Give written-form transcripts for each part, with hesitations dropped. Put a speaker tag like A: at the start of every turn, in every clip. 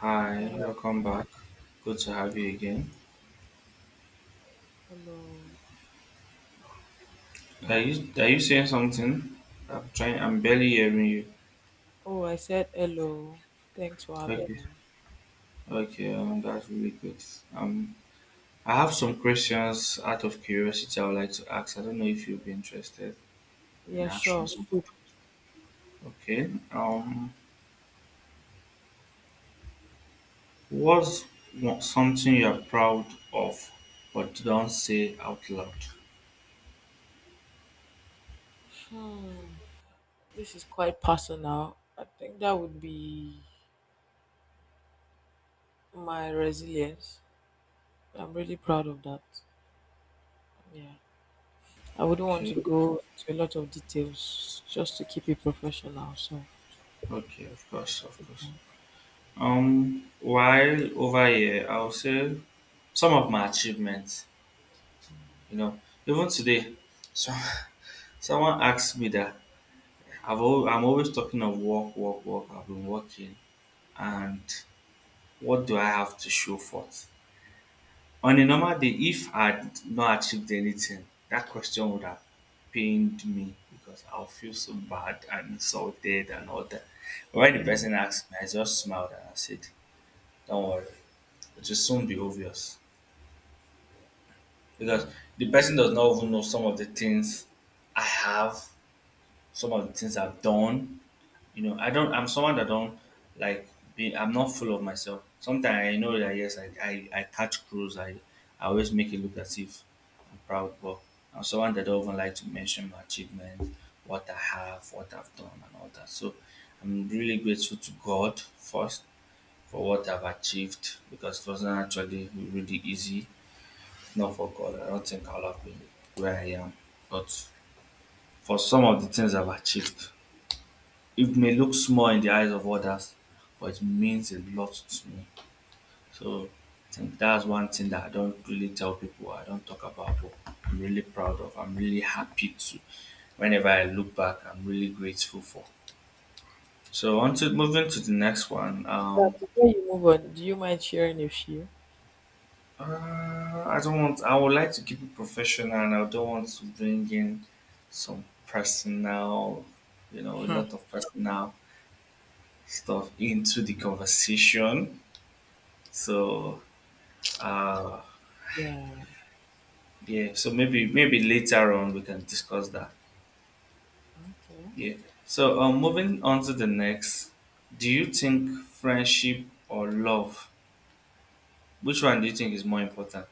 A: Hi,
B: Hi,
A: welcome back. Good to have you again.
B: hello.
A: Are you saying something? I'm trying. I'm barely hearing you.
B: Oh, I said hello. Thanks for
A: Okay,
B: having me.
A: okay, that's really good. Um, I have some questions out of curiosity. I would like to ask. I don't know if you'll be interested in
B: Yeah,
A: answering
B: sure.
A: some of
B: soup.
A: them. Okay. Um, what's something you're proud of, but don't say out loud?
B: Hmm. This is quite personal. I think that would be my resilience. I'm really proud of that. Yeah. I wouldn't want to
A: Okay.
B: go into a lot of details just to keep it professional. So,
A: Okay. Of course. Of course. While over here, I'll say some of my achievements. You know, even today, so someone asked me that I'm always talking of work, work, work. I've been working, and what do I have to show for it? On a normal day, if I had not achieved anything, that question would have pained me because I'll feel so bad and insulted and all that. But when the
B: hmm,
A: person asked me, I just smiled and I said, "Don't worry, it will soon be obvious."
B: hmm.
A: Because the person does not even know some of the things I have, some of the things I've done. You know, I don't. I'm someone that don't like be. I'm not full of myself. Sometimes I know that yes, I catch crews. I always make it look as if I'm proud, but I'm someone that don't even like to mention my achievements, what I have, what I've done, and all that. So I'm really grateful to God first for what I've achieved because it wasn't actually really easy not for God, I don't think I'll have been where I am. But for some of the things I've achieved, it may look small in the eyes of others, but it means a lot to me. So I think that's one thing that I don't really tell people, I don't talk about, but I'm really proud of. I'm really happy to. Whenever I look back, I'm really grateful for. So on to moving to the next one.
B: Yeah, before you move on, do you mind sharing a few?
A: I don't want. I would like to keep it professional, and I don't want to bring in some personal, you know, a lot of personal stuff into the conversation. So, uh,
B: Yeah.
A: yeah. So maybe later on we can discuss that.
B: Okay.
A: Yeah. So, moving on to the next. Do you think friendship or love? Which one do you think is more important?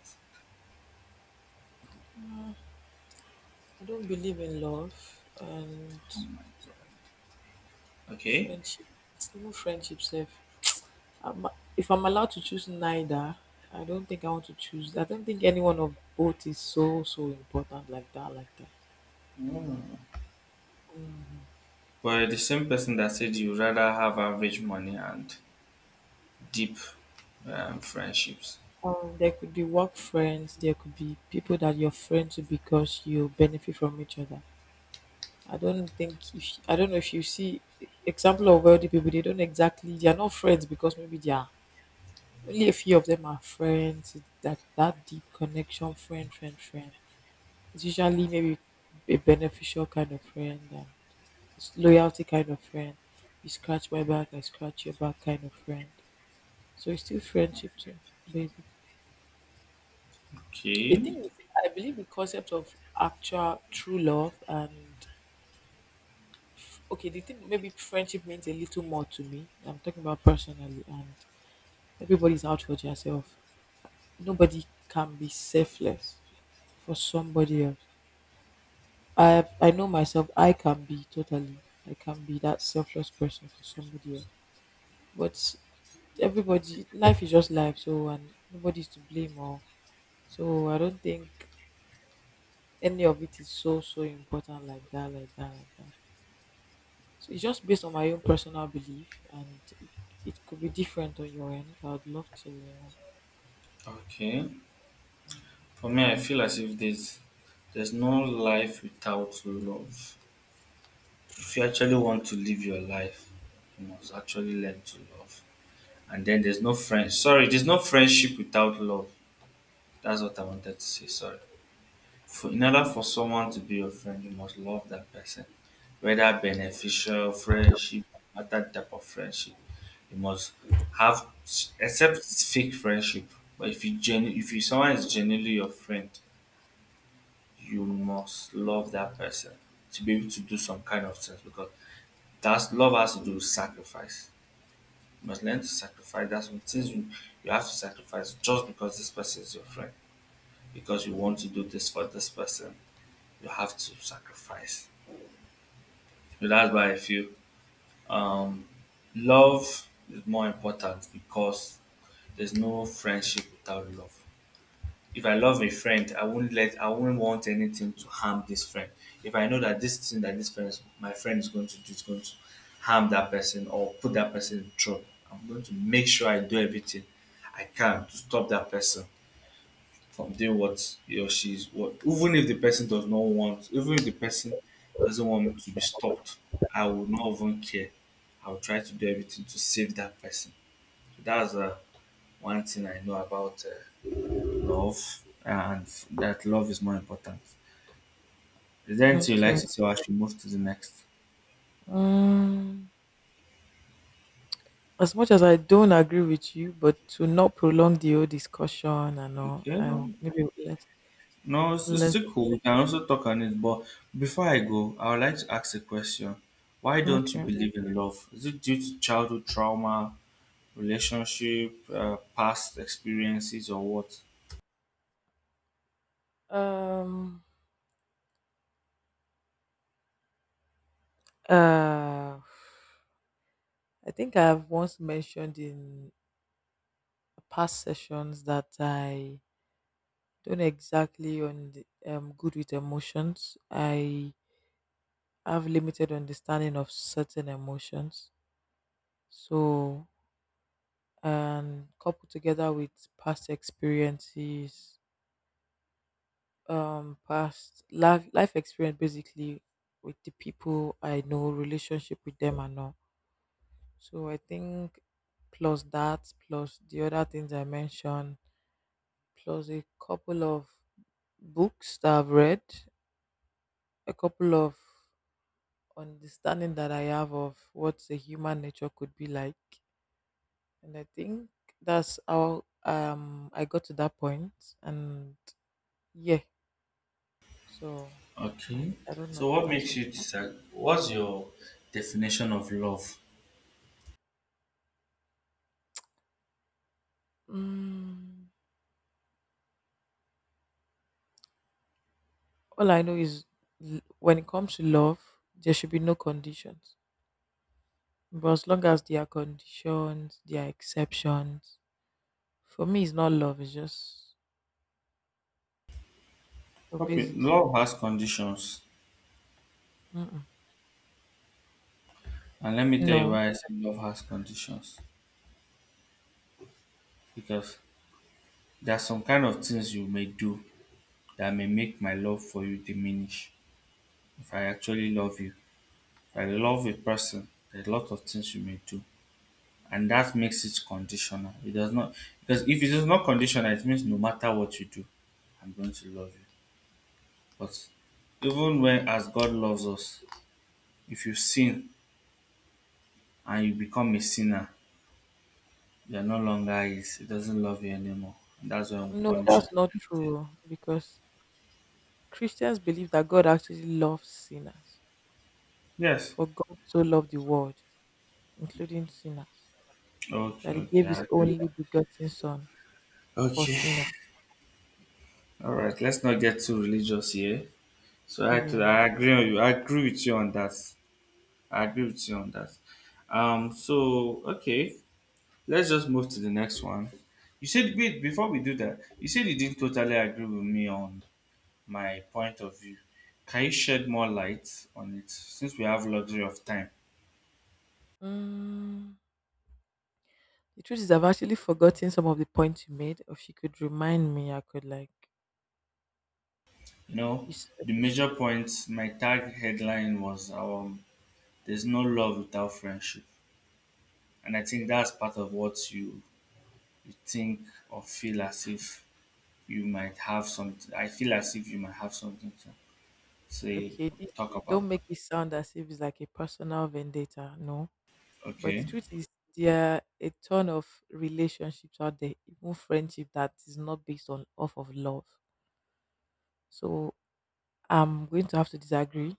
B: I don't believe in love and
A: Okay.
B: friendship. It's even friendship, safe. Um, if I'm allowed to choose neither, I don't think I want to choose. I don't think any one of both is so important like that, like that. Mm.
A: But the same person that said you rather have average money and deep friendships.
B: There could be work friends. There could be people that you're friends with because you benefit from each other. I don't think, if I don't know if you see example of wealthy people, they don't exactly, they are not friends because maybe they are only a few of them are friends. That deep connection, friend, friend, friend. It's usually maybe a beneficial kind of friend. And it's loyalty kind of friend. You scratch my back, I scratch your back kind of friend. So it's still friendship too, basically. The
A: Okay,
B: thing is, I believe the concept of actual true love and okay, the thing maybe friendship means a little more to me. I'm talking about personally, and everybody's out for themselves. Nobody can be selfless for somebody else. I have, I know myself. I can be totally. I can be that selfless person for somebody else. But everybody, life is just life, so, and nobody's to blame or so. I don't think any of it is so important like that, like that, like that. So it's just based on my own personal belief, and it could be different on your end. I'd love to.
A: okay. For me, I feel as if there's no life without love. If you actually want to live your life, you must actually learn to love. And then there's no friend. Sorry, there's no friendship without love. That's what I wanted to say. Sorry. For, in order for someone to be your friend, you must love that person. Whether beneficial friendship, other type of friendship. You must have except it's fake friendship. But if you someone is genuinely your friend, you must love that person to be able to do some kind of things because that's love has to do with sacrifice. You must learn to sacrifice. That's some things you have to sacrifice just because this person is your friend. Because you want to do this for this person, you have to sacrifice. So that's why I feel Um, love is more important because there's no friendship without love. If I love a friend, I won't let I won't want anything to harm this friend. If I know that this thing that my friend is going to do is going to harm that person or put that person in trouble, I'm going to make sure I do everything I can to stop that person from something what he or she's what even if the person does not want even if the person doesn't want me to be stopped. I will not even care. I will try to do everything to save that person. So that's one thing I know about love, and that love is more important. Is there anything you like
B: Okay.
A: to say or I should move to the next?
B: Um, as much as I don't agree with you, but to not prolong the whole discussion and all,
A: Okay, no,
B: maybe let's
A: no, it's
B: let's
A: still cool. We can also talk on it, but before I go I would like to ask a question. Why don't you
B: okay.
A: believe in love? Is it due to childhood trauma? Relationship, past experiences, or what?
B: Um. Uh. I think I have once mentioned in past sessions that I don't exactly on the, good with emotions. I have limited understanding of certain emotions. So, and coupled together with past experiences, past life experience, basically with the people I know, relationship with them and all. So I think plus that, plus the other things I mentioned, plus a couple of books that I've read, a couple of understanding that I have of what the human nature could be like. And I think that's how I got to that point. And yeah, so I,
A: Okay.
B: I don't know
A: So,
B: if
A: what
B: that's
A: makes you
B: okay.
A: decide? What's your definition of love?
B: Mm, all I know is when it comes to love, there should be no conditions. But as long as there are conditions, there are exceptions. For me, it's not love. It's just so
A: Okay,
B: basically,
A: love has conditions,
B: mm-mm.
A: and let me tell you
B: No.
A: why I say love has conditions. Because there are some kind of things you may do that may make my love for you diminish. If I actually love you, if I love a person, there are a lot of things you may do, and that makes it conditional. It does not because if it is not conditional, it means no matter what you do, I'm going to love you. But even when as God loves us, if you sin and you become a sinner, you're no longer his. He doesn't love you anymore. And that's when we
B: No,
A: punish us.
B: that's not true because Christians believe that God actually loves sinners.
A: Yes.
B: For God so loved the world, including sinners,
A: Okay,
B: that he
A: okay,
B: gave
A: I
B: his
A: agree.
B: only begotten son for
A: Okay.
B: sinners.
A: All right, let's not get too religious here. So I to
B: Yeah.
A: I agree on you. I agree with you on that. I agree with you on that. So okay. Let's just move to the next one. You said wait before we do that. You said you didn't totally agree with me on my point of view. Can you shed more light on it since we have luxury of time?
B: Mm, the truth is, I've actually forgotten some of the points you made. If you could remind me, I could like.
A: You know,
B: You, s-
A: the major points. My tag headline was "There's no love without friendship," and I think that's part of what you think or feel as if you might have something. I feel as if you might have something to say
B: okay, this,
A: talk about.
B: don't make it sound as if it's like a personal vendetta. No. But the
A: Okay,
B: truth is, there are a ton of relationships out there, even friendship that is not based on off of love. So I'm going to have to disagree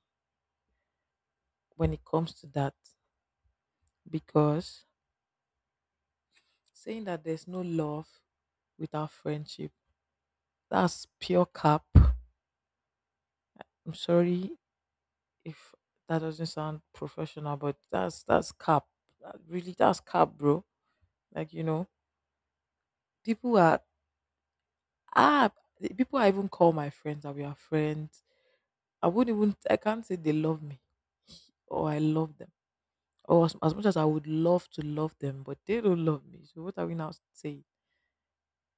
B: when it comes to that because saying that there's no love without friendship, that's pure cap. I'm sorry if that doesn't sound professional, but that's cap. That really, that's cap, bro. Like you know, people are ah, people I even call my friends that we are friends, I wouldn't even, I can't say they love me or I love them. Or as much as I would love to love them, but they don't love me. So what are we now saying?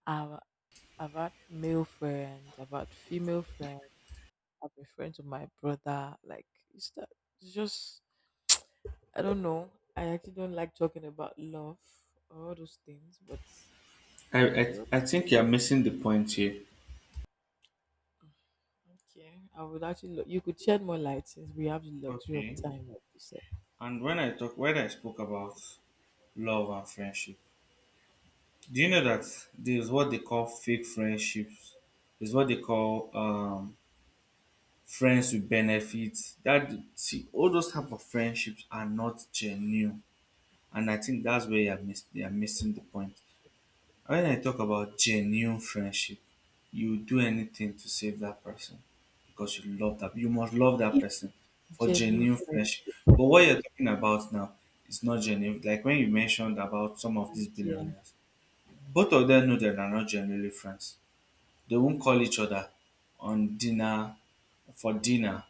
B: I've, I've had male friends, I've had female friends, I've been friends with my brother. Like it's that, it's just I don't know. I actually don't like talking about love or all those things, but
A: I I,
B: still
A: I think you're missing the point here.
B: okay. I would actually you could shed more light since we have the luxury of
A: Okay.
B: time, like you said.
A: And when I talk when I spoke about love and friendship, do you know that there's what they call fake friendships? Is what they call friends with benefits. That see all those type of friendships are not genuine. And I think that's where you're missing the point. When I talk about genuine friendship, you do anything to save that person because you love that. You must love that
B: If
A: person for
B: genuine
A: genuine
B: friends,
A: friendship. But what you're talking about now is not genuine. Like when you mentioned about some of these
B: yeah.
A: billionaires, both of them know that they're not genuinely friends. They won't call each other on dinner for dinner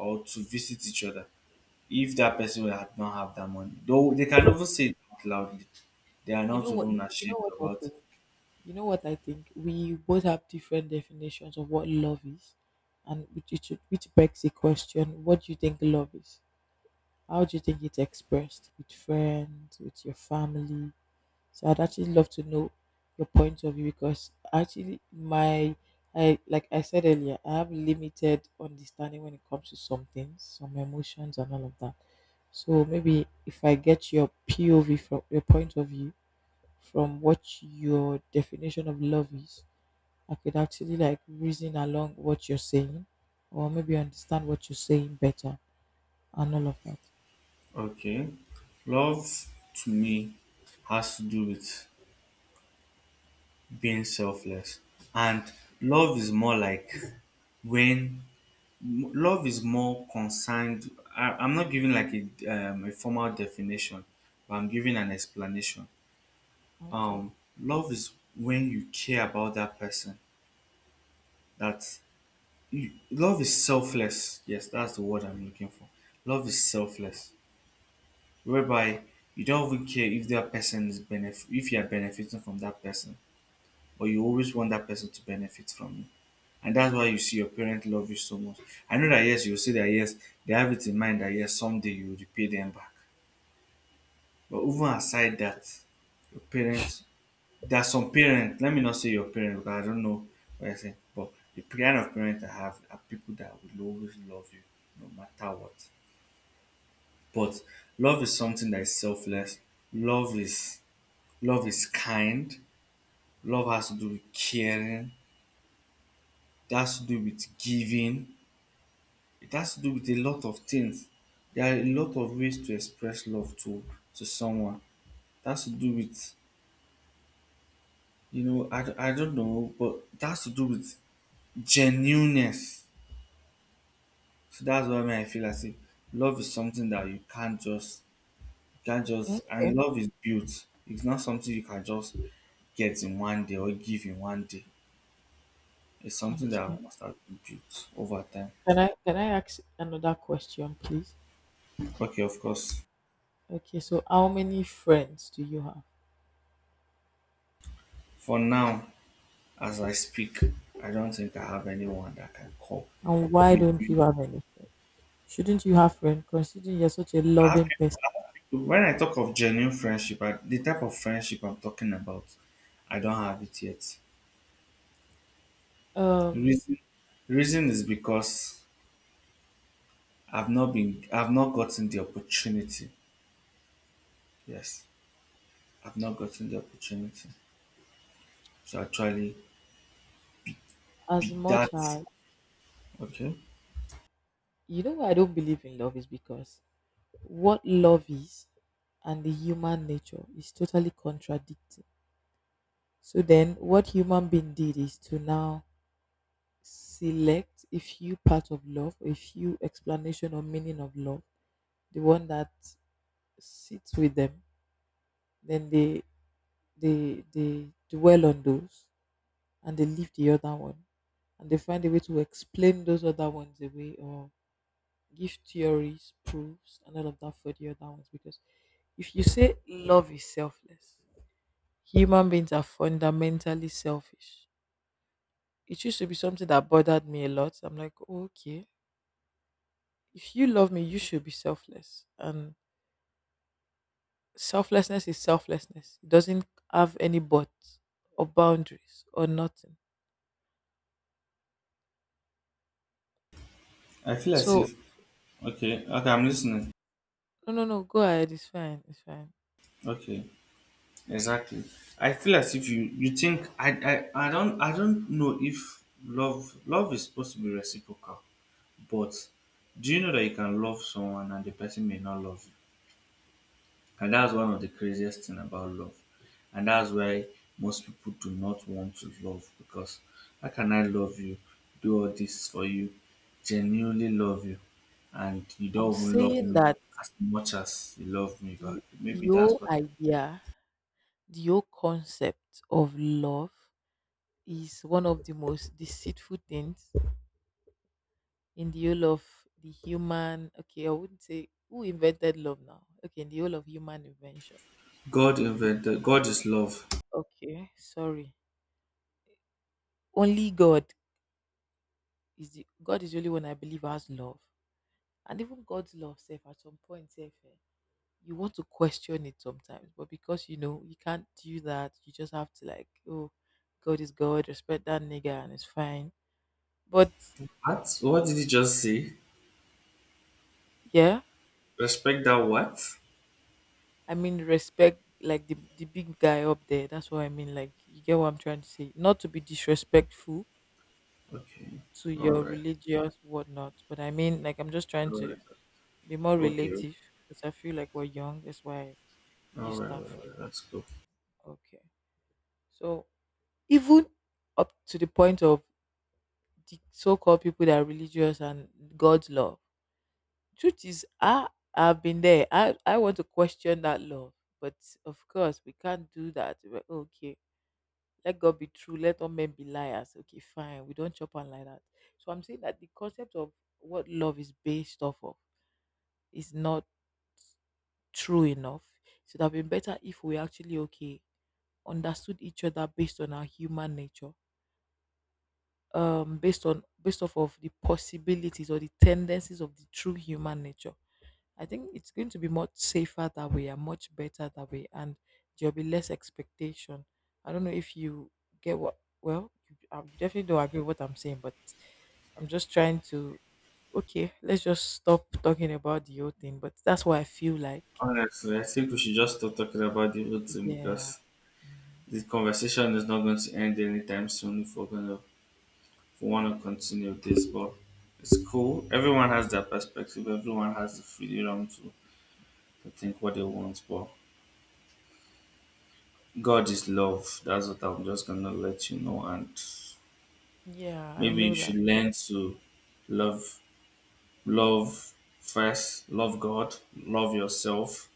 A: or to visit each other if that person had not have that money. Though they can even say it out loudly. They are
B: You
A: not
B: know what?
A: even
B: You know
A: ashamed
B: what I
A: about
B: think. You know what I think. We both have different definitions of what love is, and which it should, which begs the question: what do you think love is? How do you think it's expressed with friends, with your family? So I'd actually love to know your point of view because actually, my I like I said earlier, I have limited understanding when it comes to some things, some emotions, and all of that. So maybe if I get your POV, from your point of view, from what your definition of love is, I could actually like reason along what you're saying or maybe understand what you're saying better and all of that.
A: Okay. Love to me has to do with being selfless. And love is more like when love is more concerned. I'm not giving like a formal definition, but I'm giving an explanation.
B: Okay.
A: Um, Love is when you care about that person. That you, love is selfless. Yes, that's the word I'm looking for. Love is selfless whereby you don't even care if that person is benefit if you are benefiting from that person, but you always want that person to benefit from you. And that's why you see your parents love you so much. I know that yes you will say that yes they have it in mind that yes someday you will repay them back. But even aside that, your parents there are some parents let me not say your parents because I don't know what I say, but the kind of parents I have are people that will always love you no matter what. But love is something that is selfless. Love is Love is kind. Love has to do with caring. It has to do with giving. It has to do with a lot of things. There are a lot of ways to express love to someone. It has to do with you know I don't know, but it has to do with genuineness. So that's why me I feel as if love is something that you can't just and
B: Okay.
A: love is built. It's not something you can just get in one day or give in one day. It's something
B: Okay.
A: that must have been built over time.
B: Can I ask another question, please?
A: Okay, of course.
B: Okay, so how many friends do you have?
A: For now, as I speak, I don't think I have anyone that can call.
B: And why
A: If
B: don't
A: you
B: you have any friends? Shouldn't you have friends considering you're such a
A: I have
B: loving person?
A: people, when I talk of genuine friendship, I, the type of friendship I'm talking about, I don't have it yet. The
B: Um
A: reason, the reason is because I've not gotten the opportunity. Yes, I've not gotten the opportunity to actually
B: as
A: be that.
B: much as,
A: Okay,
B: you know why I don't believe in love is because what love is and the human nature is totally contradicting. So then what human being did is to now select a few part of love, a few explanation or meaning of love, the one that sits with them, then they dwell on those and they leave the other one, and they find a way to explain those other ones away or give theories, proofs, and all of that for the other ones. Because if you say love is selfless, human beings are fundamentally selfish. It used to be something that bothered me a lot. I'm like, "Oh, okay, if you love me, you should be selfless." And selflessness is selflessness. It doesn't have any buts or boundaries or nothing.
A: I feel as
B: So
A: if. Okay, okay, I'm listening.
B: no, no, no. Go ahead. It's fine. It's fine.
A: Okay. Exactly. I feel as if you think I don't know if love is supposed to be reciprocal, but do you know that you can love someone and the person may not love you? And that's one of the craziest thing about love. And that's why most people do not want to love because how can I love you, do all this for you, genuinely love you, and you
B: I'm
A: don't even love
B: saying
A: me
B: that
A: as much as you love me back?
B: the the
A: Maybe that's
B: whole
A: what
B: idea, the whole concept of love is one of the most deceitful things in the whole of the human, okay, I wouldn't say who invented love now, okay, in the whole of human invention.
A: God
B: Be-
A: invented. God is love.
B: okay, sorry, only God is, the God is the only one I believe has love. And even God's love self at some point self, you want to question it sometimes but because you know you can't do that, you just have to like, oh, God is God, respect that nigga, and it's fine. But
A: What? What did you just say?
B: yeah,
A: Respect that what?
B: I mean respect like the big guy up there. That's what I mean. Like, you get what I'm trying to say. Not to be disrespectful
A: Okay.
B: to
A: All
B: your
A: right.
B: religious whatnot, but I mean like I'm just trying
A: All
B: to
A: right.
B: be more
A: Okay.
B: relative because I feel like we're young. That's why I
A: All
B: use
A: right. All
B: that
A: right. all
B: phrase.
A: right. That's cool.
B: Okay. So even up to the point of the so-called people that are religious and God's love, truth is, I've been there. I want to question that love, but of course we can't do that. We're okay. Let God be true, let all men be liars. Okay, fine. We don't chop on like that. So I'm saying that the concept of what love is based off of is not true enough. So it would have been better if we actually okay understood each other based on our human nature. Based on, based off of the possibilities or the tendencies of the true human nature, I think it's going to be much safer that way and much better that way, and there'll be less expectation. I don't know if you get what. Well, you, you definitely don't agree with what I'm saying, but I'm just trying to. Okay, let's just stop talking about the old thing. But that's what I feel like.
A: Honestly, I think we should just stop talking about the whole thing
B: Yeah.
A: because
B: Mhm.
A: this conversation is not going to end anytime soon if we want to continue this. But it's cool. Everyone has their perspective. Everyone has the freedom to think what they want. But God is love. That's what I'm just gonna let you know. And
B: Yeah, I
A: maybe you
B: know
A: should
B: that.
A: learn to love love first, love God, love yourself,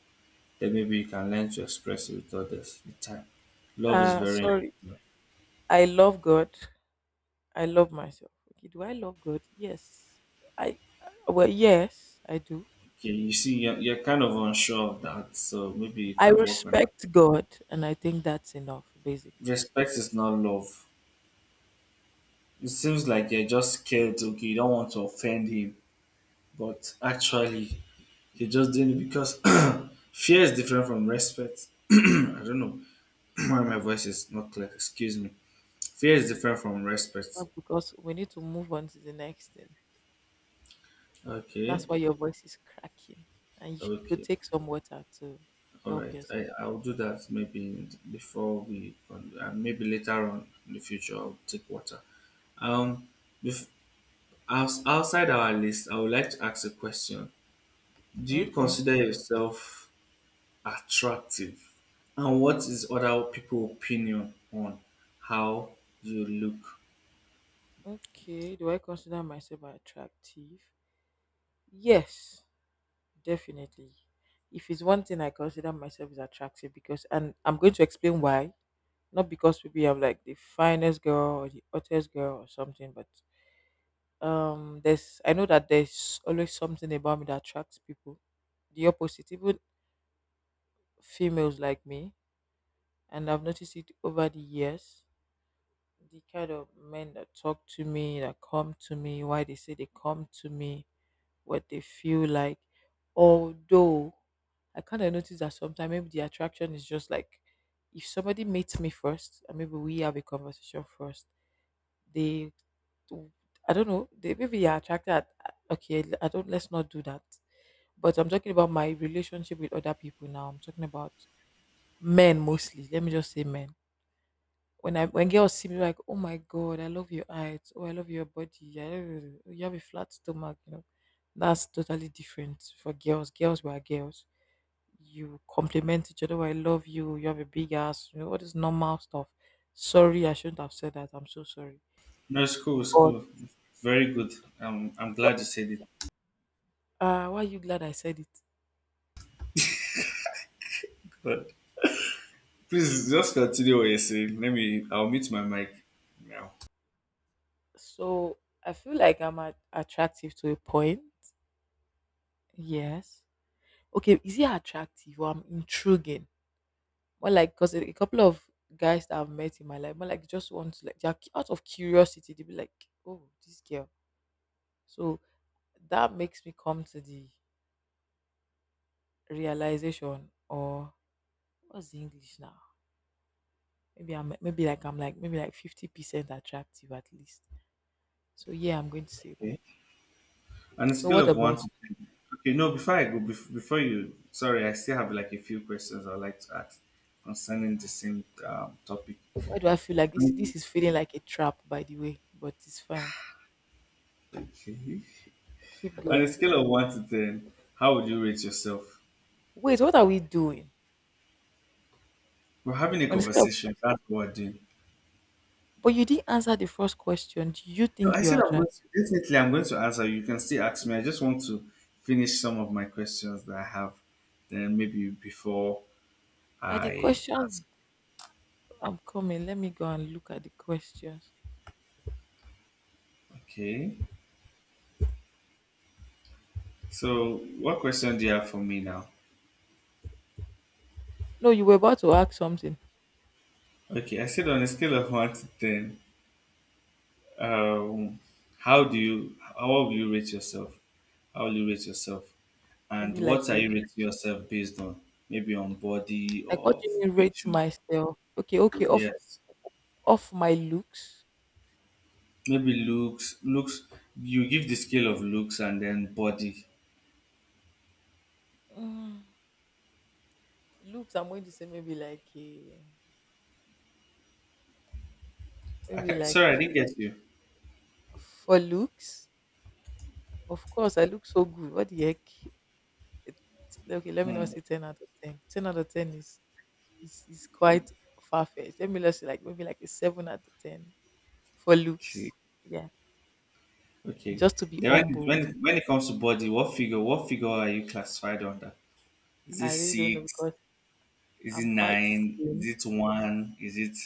A: then maybe you can learn to express it with others with time. Love is very.
B: Sorry. I love God. I love myself. Okay, do I love God? Yes. I well, yes, I do.
A: Okay. You see, you're kind of unsure of that, so maybe you
B: I
A: can work on
B: respect God, and I think that's enough,
A: it.
B: basically.
A: respect. Is not love. It seems like you're just scared. Okay, you don't want to offend him, but actually, you're just doing it because fear is different from respect. I don't know why my voice is not clear. Excuse me. Fear is different from respect.
B: That's because we need to move on to the next thing.
A: Okay,
B: That's why your voice is cracking, and you could
A: okay.
B: take some water to
A: All
B: help
A: right, I
B: yourself.
A: I'll do that maybe maybe later on in the future I'll take water. Um, bef- Outside our list, I would like to ask a question. Do you
B: Okay.
A: consider yourself attractive, and what is other people' opinion on how you look?
B: Okay. Do I consider myself attractive? Yes, definitely. If it's one thing I consider myself is attractive because, and I'm going to explain why. Not because maybe I'm like the finest girl or the hottest girl or something, but there's, I know that there's always something about me that attracts people. The opposite, even females like me, and I've noticed it over the years. The kind of men that talk to me, that come to me, why they say they come to me, what they feel like. Although I kind of notice that sometimes maybe the attraction is just like if somebody meets me first, and maybe we have a conversation first, they, I don't know, they, maybe you're attracted at, okay, I don't, let's not do that. But I'm talking about my relationship with other people now. I'm talking about men mostly. Let me just say men. When girls see me like, oh my god, I love your eyes, oh I love your body, I love you, you have a flat stomach. That's totally different for girls. Girls were girls. You compliment each other, "Oh, I love you, you have a big ass, all this normal stuff." Sorry, I shouldn't have said that. I'm so sorry.
A: No, it's cool. It's
B: But
A: cool. Very good. I'm glad you said it.
B: Why are you glad I said it?
A: But please just continue what you're saying. Let me. I'll mute my mic now.
B: So I feel like I'm attractive to a point. Yes. Okay, is he attractive, or I'm intriguing? More like, because a couple of guys that I've met in my life, more like just want to, like, they're out of curiosity. They be like, oh, this girl. So that makes me come to the realization, or what's the English now? Maybe I'm, maybe like I'm, like maybe like 50% attractive at least. So yeah, I'm going to say that.
A: On a
B: So what
A: scale of one to
B: about
A: ten. Okay, no, before I go, sorry, I still have like a few questions I'd like to ask
B: you?
A: concerning
B: Nah.
A: the same topic.
B: Why do I feel like this? This is feeling like a trap, by the way, but it's fine.
A: Okay.
B: Keep
A: On a
B: going.
A: scale of 1 to 10, how would you rate yourself?
B: Wait, what are we doing?
A: We're having a
B: On a scale of-
A: conversation. That's what we're doing.
B: But you didn't answer the first question. Do you
A: No,
B: think
A: I said
B: you're
A: I'm going
B: attractive?
A: to, definitely I'm going to answer. You can still ask me. I just want to finish some of my questions that I have. Then maybe before
B: Are the
A: I
B: questions?
A: ask.
B: I'm coming. Let me go and look at the questions.
A: Okay. So, what question do you have for me now?
B: No, you were about to ask something.
A: Okay, I said on a scale of 1 to 10, um, how will you rate yourself? How will you rate yourself? And
B: Maybe like
A: what are
B: a,
A: you rating yourself based on? Maybe on body
B: like what
A: or
B: do you mean rate
A: feature.
B: myself? Okay, okay, off
A: Yes.
B: off my looks.
A: Maybe looks. Looks. You give the scale of looks and then body.
B: Mm, looks, I'm going to say maybe like a,
A: I
B: maybe
A: can,
B: like,
A: sorry, I didn't get you.
B: for looks. Of course, I look so good. What the heck? It, okay, let me not
A: Hmm.
B: say 10 out of 10. 10 out of 10 is quite far fetched. Let me just say like maybe like a 7 out of 10 for
A: Okay.
B: looks. Yeah.
A: Okay.
B: Just to be
A: Then when,
B: humble.
A: when when it comes to body, what figure are you classified under? Is it
B: I really don't know
A: six?
B: because
A: Is it
B: I'm quite
A: nine?
B: slim.
A: Is it one? Is it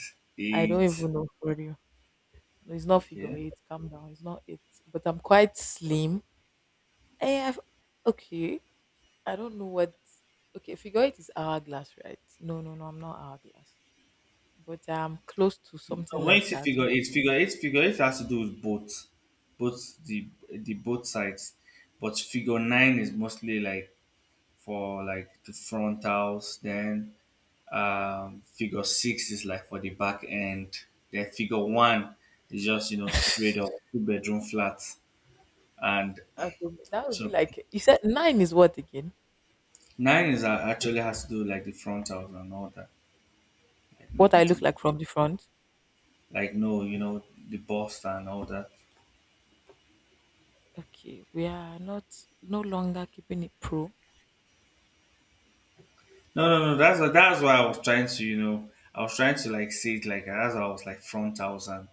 B: I don't
A: eight?
B: even know for real. No, it's not figure
A: Okay.
B: eight. Calm down. It's not it. But I'm quite slim. Eh, I've- okay. I don't know what. Okay, figure eight is hourglass, right? No, no, no. I'm not hourglass, but I'm close to something
A: No, when you
B: like
A: see
B: that.
A: figure eight, figure eight has to do with both, both the the both sides, but figure nine is mostly like for like the frontals. Then figure six is like for the back end. Then figure one is just, you know, straight up two-bedroom flats, and
B: Okay, that would be
A: so
B: like, you said nine is what again?
A: nine is actually has to do with, like, the frontals and all that, like
B: What
A: maybe
B: I look
A: the,
B: like from the front.
A: like, no, you know, the boss and all that.
B: Okay, we are not no longer keeping it pro.
A: No, no, no, that's why I was trying to you know I was trying to like say it like as I was like front house, and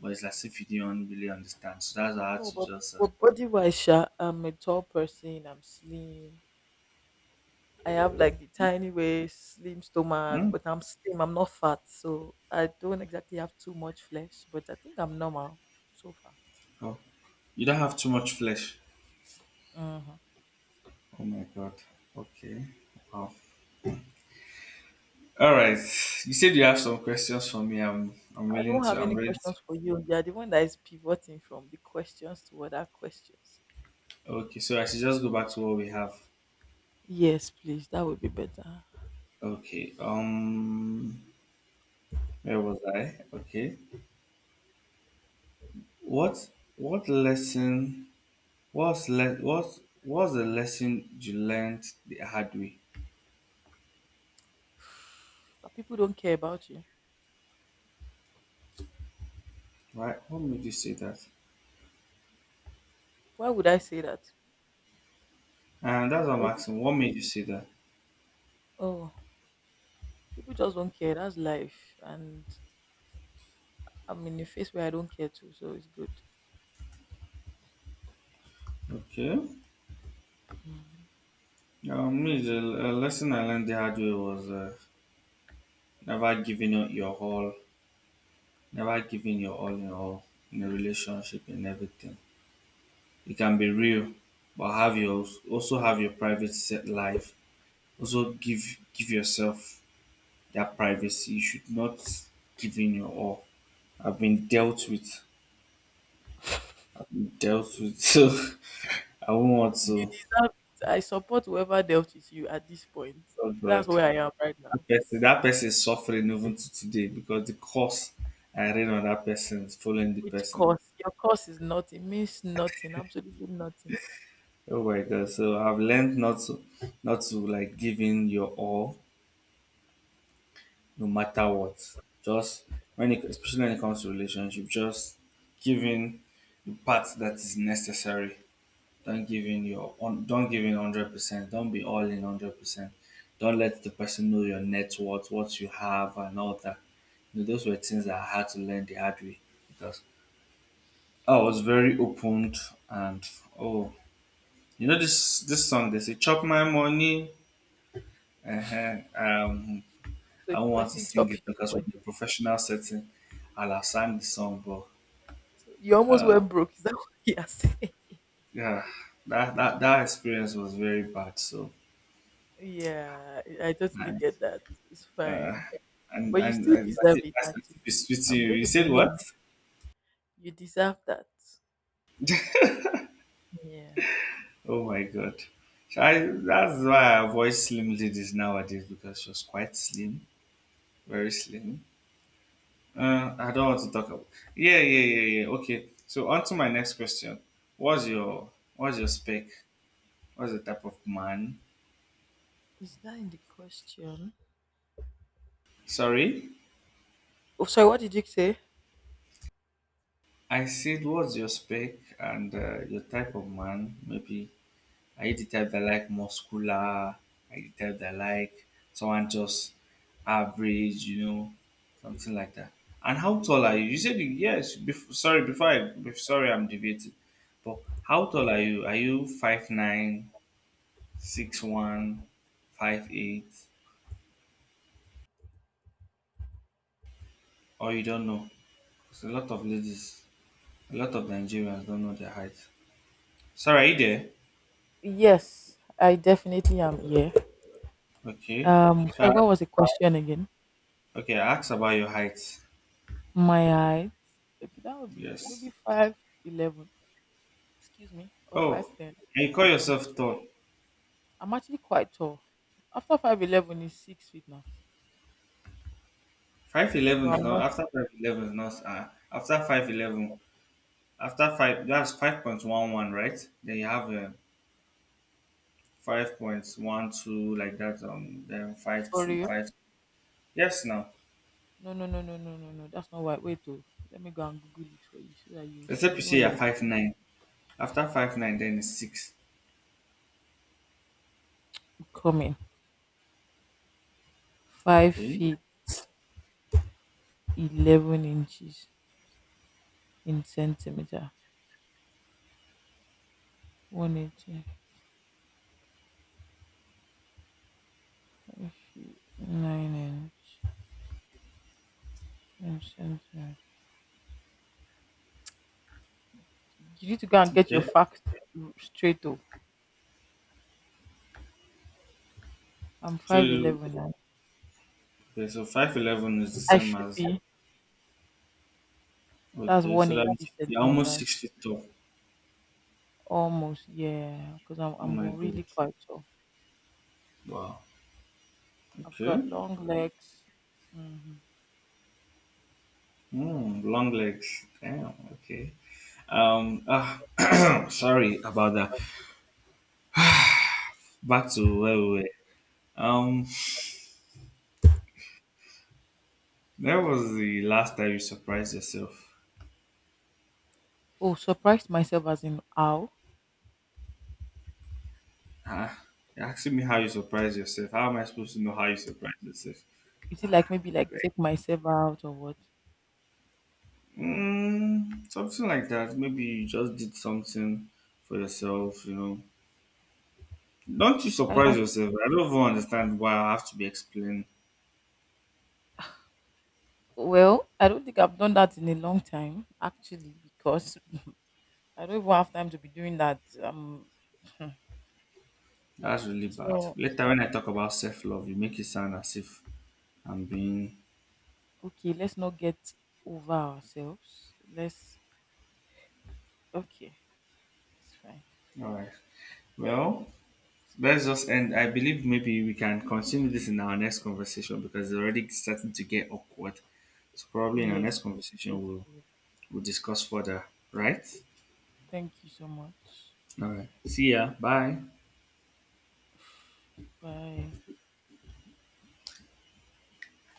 A: but it's as if you didn't really understand, so
B: I
A: that's how I
B: don't
A: had
B: know,
A: to
B: but,
A: just
B: but body wise, I'm a tall person, I'm slim. I have like the tiny waist, slim stomach,
A: hmm?
B: but I'm slim, I'm not fat, so I don't exactly have too much flesh, but I think I'm normal so far.
A: Oh, you don't have too much flesh.
B: Hmm.
A: Oh my god. Okay. Wow. All right, you said you have some questions for me, i'm i'm
B: I
A: willing
B: don't
A: to
B: have
A: i'm
B: any
A: ready to.
B: questions for you. You're the one that is pivoting from the questions to other questions.
A: Okay, so I should just go back to what we have.
B: Yes, please, that would be better.
A: Okay. Where was I? Okay. What what lesson What's le- what's the lesson you learned the hard way?
B: That people don't care about you.
A: Right? What made you say that?
B: Why would I say that?
A: And that's what I'm
B: Because-
A: asking. What made you say that?
B: oh, people just don't care. That's life. And I'm in a phase where I don't care too, so it's good.
A: Okay.
B: Mm.
A: Me, the lesson I learned the hard way was never giving up your all, never giving your all in a relationship and everything. It can be real, but have your private set life. Also give yourself that privacy. You should not give in your all. I've been dealt with. Definitely. So I wouldn't want
B: You
A: to.
B: deserve it. I support whoever dealt with you at this point.
A: Oh
B: That's
A: God,
B: where I am right now.
A: that person is suffering even to today because the curse I read on that person is following the
B: Which
A: person.
B: course? Your course is nothing, means nothing, absolutely nothing.
A: Oh my God! So I've learned not to like give in your all, no matter what. Just when it, especially when it comes to relationship, just giving the part that is necessary. Don't give in your on, don't give in 100%. Don't be all in 100%. Don't let the person know your net worth, what you have, and all that. You know, those were things that I had to learn the hard way because I was very opened, and oh, you know, this song they say chop my money. Uh-huh. I
B: So the
A: don't want to
B: person
A: sing
B: chop
A: it
B: your
A: because from
B: money.
A: the professional setting, I'll have sang the song, but
B: So you almost went broke. Is that what you're saying?
A: yeah, that experience was very bad. So.
B: Yeah, I totally
A: I
B: get that. It's fine.
A: and
B: But you
A: and,
B: still
A: and that's
B: deserve
A: it.
B: it,
A: That's
B: actually.
A: that's it.
B: I'm
A: You
B: going
A: you
B: to be
A: said what?
B: mean. You deserve that. Yeah.
A: Oh my god! So I that's why I avoid slim ladies nowadays because she was quite slim, very slim. I don't want to talk about. Yeah, yeah, yeah, yeah. Okay. So on to my next question. What's your what's your spec? What's the type of man?
B: Is that in the question?
A: Sorry,
B: Oh, sorry, what did you say?
A: I said what's your spec and your type of man? Maybe, are you the type that like muscular? Are you the type that like someone just average, you know, something like that? And how tall are you? You said you- yes. Bef- sorry, before I I'm debating. But how tall are you? Are you 5'9", 6'1", 5'8", or you don't know? Because a lot of ladies, a lot of Nigerians don't know their height. Sorry, are you there?
B: Yes, I definitely am here.
A: Okay. So
B: Sorry,
A: I-
B: what was the question again?
A: okay, I asked about your height.
B: My height. Okay, that would be
A: Yes.
B: maybe 5'11". Excuse me, or five
A: Oh,
B: ten
A: and you call
B: or some.
A: yourself tall.
B: I'm actually quite tall. After 5'11" is 6 feet now, but I'm not
A: 5'11" is not after 5'11", after five, that's 5.11, right? Then you have 5.12 like that, then five
B: for
A: two
B: real.
A: five, yes. Now
B: No, no, no, no, no, no, no. That's not why. Wait, oh, let me go and Google it for you so that you see.
A: except
B: You
A: you
B: know
A: say
B: where
A: you're
B: you're
A: 5'9", after 5'9" then it's six.
B: coming. Five
A: Okay,
B: feet. 11 inches in centimeter, 189 inch in centimeter. You need to go and get your
A: okay,
B: facts straight, oh. I'm
A: so, okay,
B: 5'11 now,
A: so 5'11" is the
B: I
A: same
B: should
A: as.
B: be. That's
A: Okay, so that means
B: 180
A: you're almost six
B: centimeters
A: feet tall.
B: almost, yeah, because I'm,
A: Oh
B: I'm
A: my god.
B: really quite tall.
A: Wow.
B: I've
A: Okay.
B: got long legs. Hmm.
A: Mm, long legs. Damn. Okay. Um. ah, sorry about that. Back to where we were. Um. Where was the last time you surprised yourself?
B: Oh, surprised myself, as in how?
A: Huh? You're asking me how you surprise yourself. How am I supposed to know how you surprise yourself?
B: Is it like maybe like
A: Like,
B: take myself out or what?
A: something like that. Maybe you just did something for yourself. You know. Don't you surprise yourself? I don't even understand why I have to be explained.
B: Well, I don't think I've done that in a long time, actually, because I don't even have time to be doing that.
A: That's really bad.
B: So
A: Later, when I talk about self love, you make it sound as if I'm being.
B: okay, let's not get over ourselves. Let's Okay, it's fine.
A: All right. Well, let's just end. I believe maybe we can continue this in our next conversation because it's already starting to get awkward. So probably in our next
B: Yes,
A: conversation
B: let's
A: we'll
B: do it.
A: we'll discuss further. Right?
B: Thank you so much.
A: All right. See ya. Bye.
B: Bye.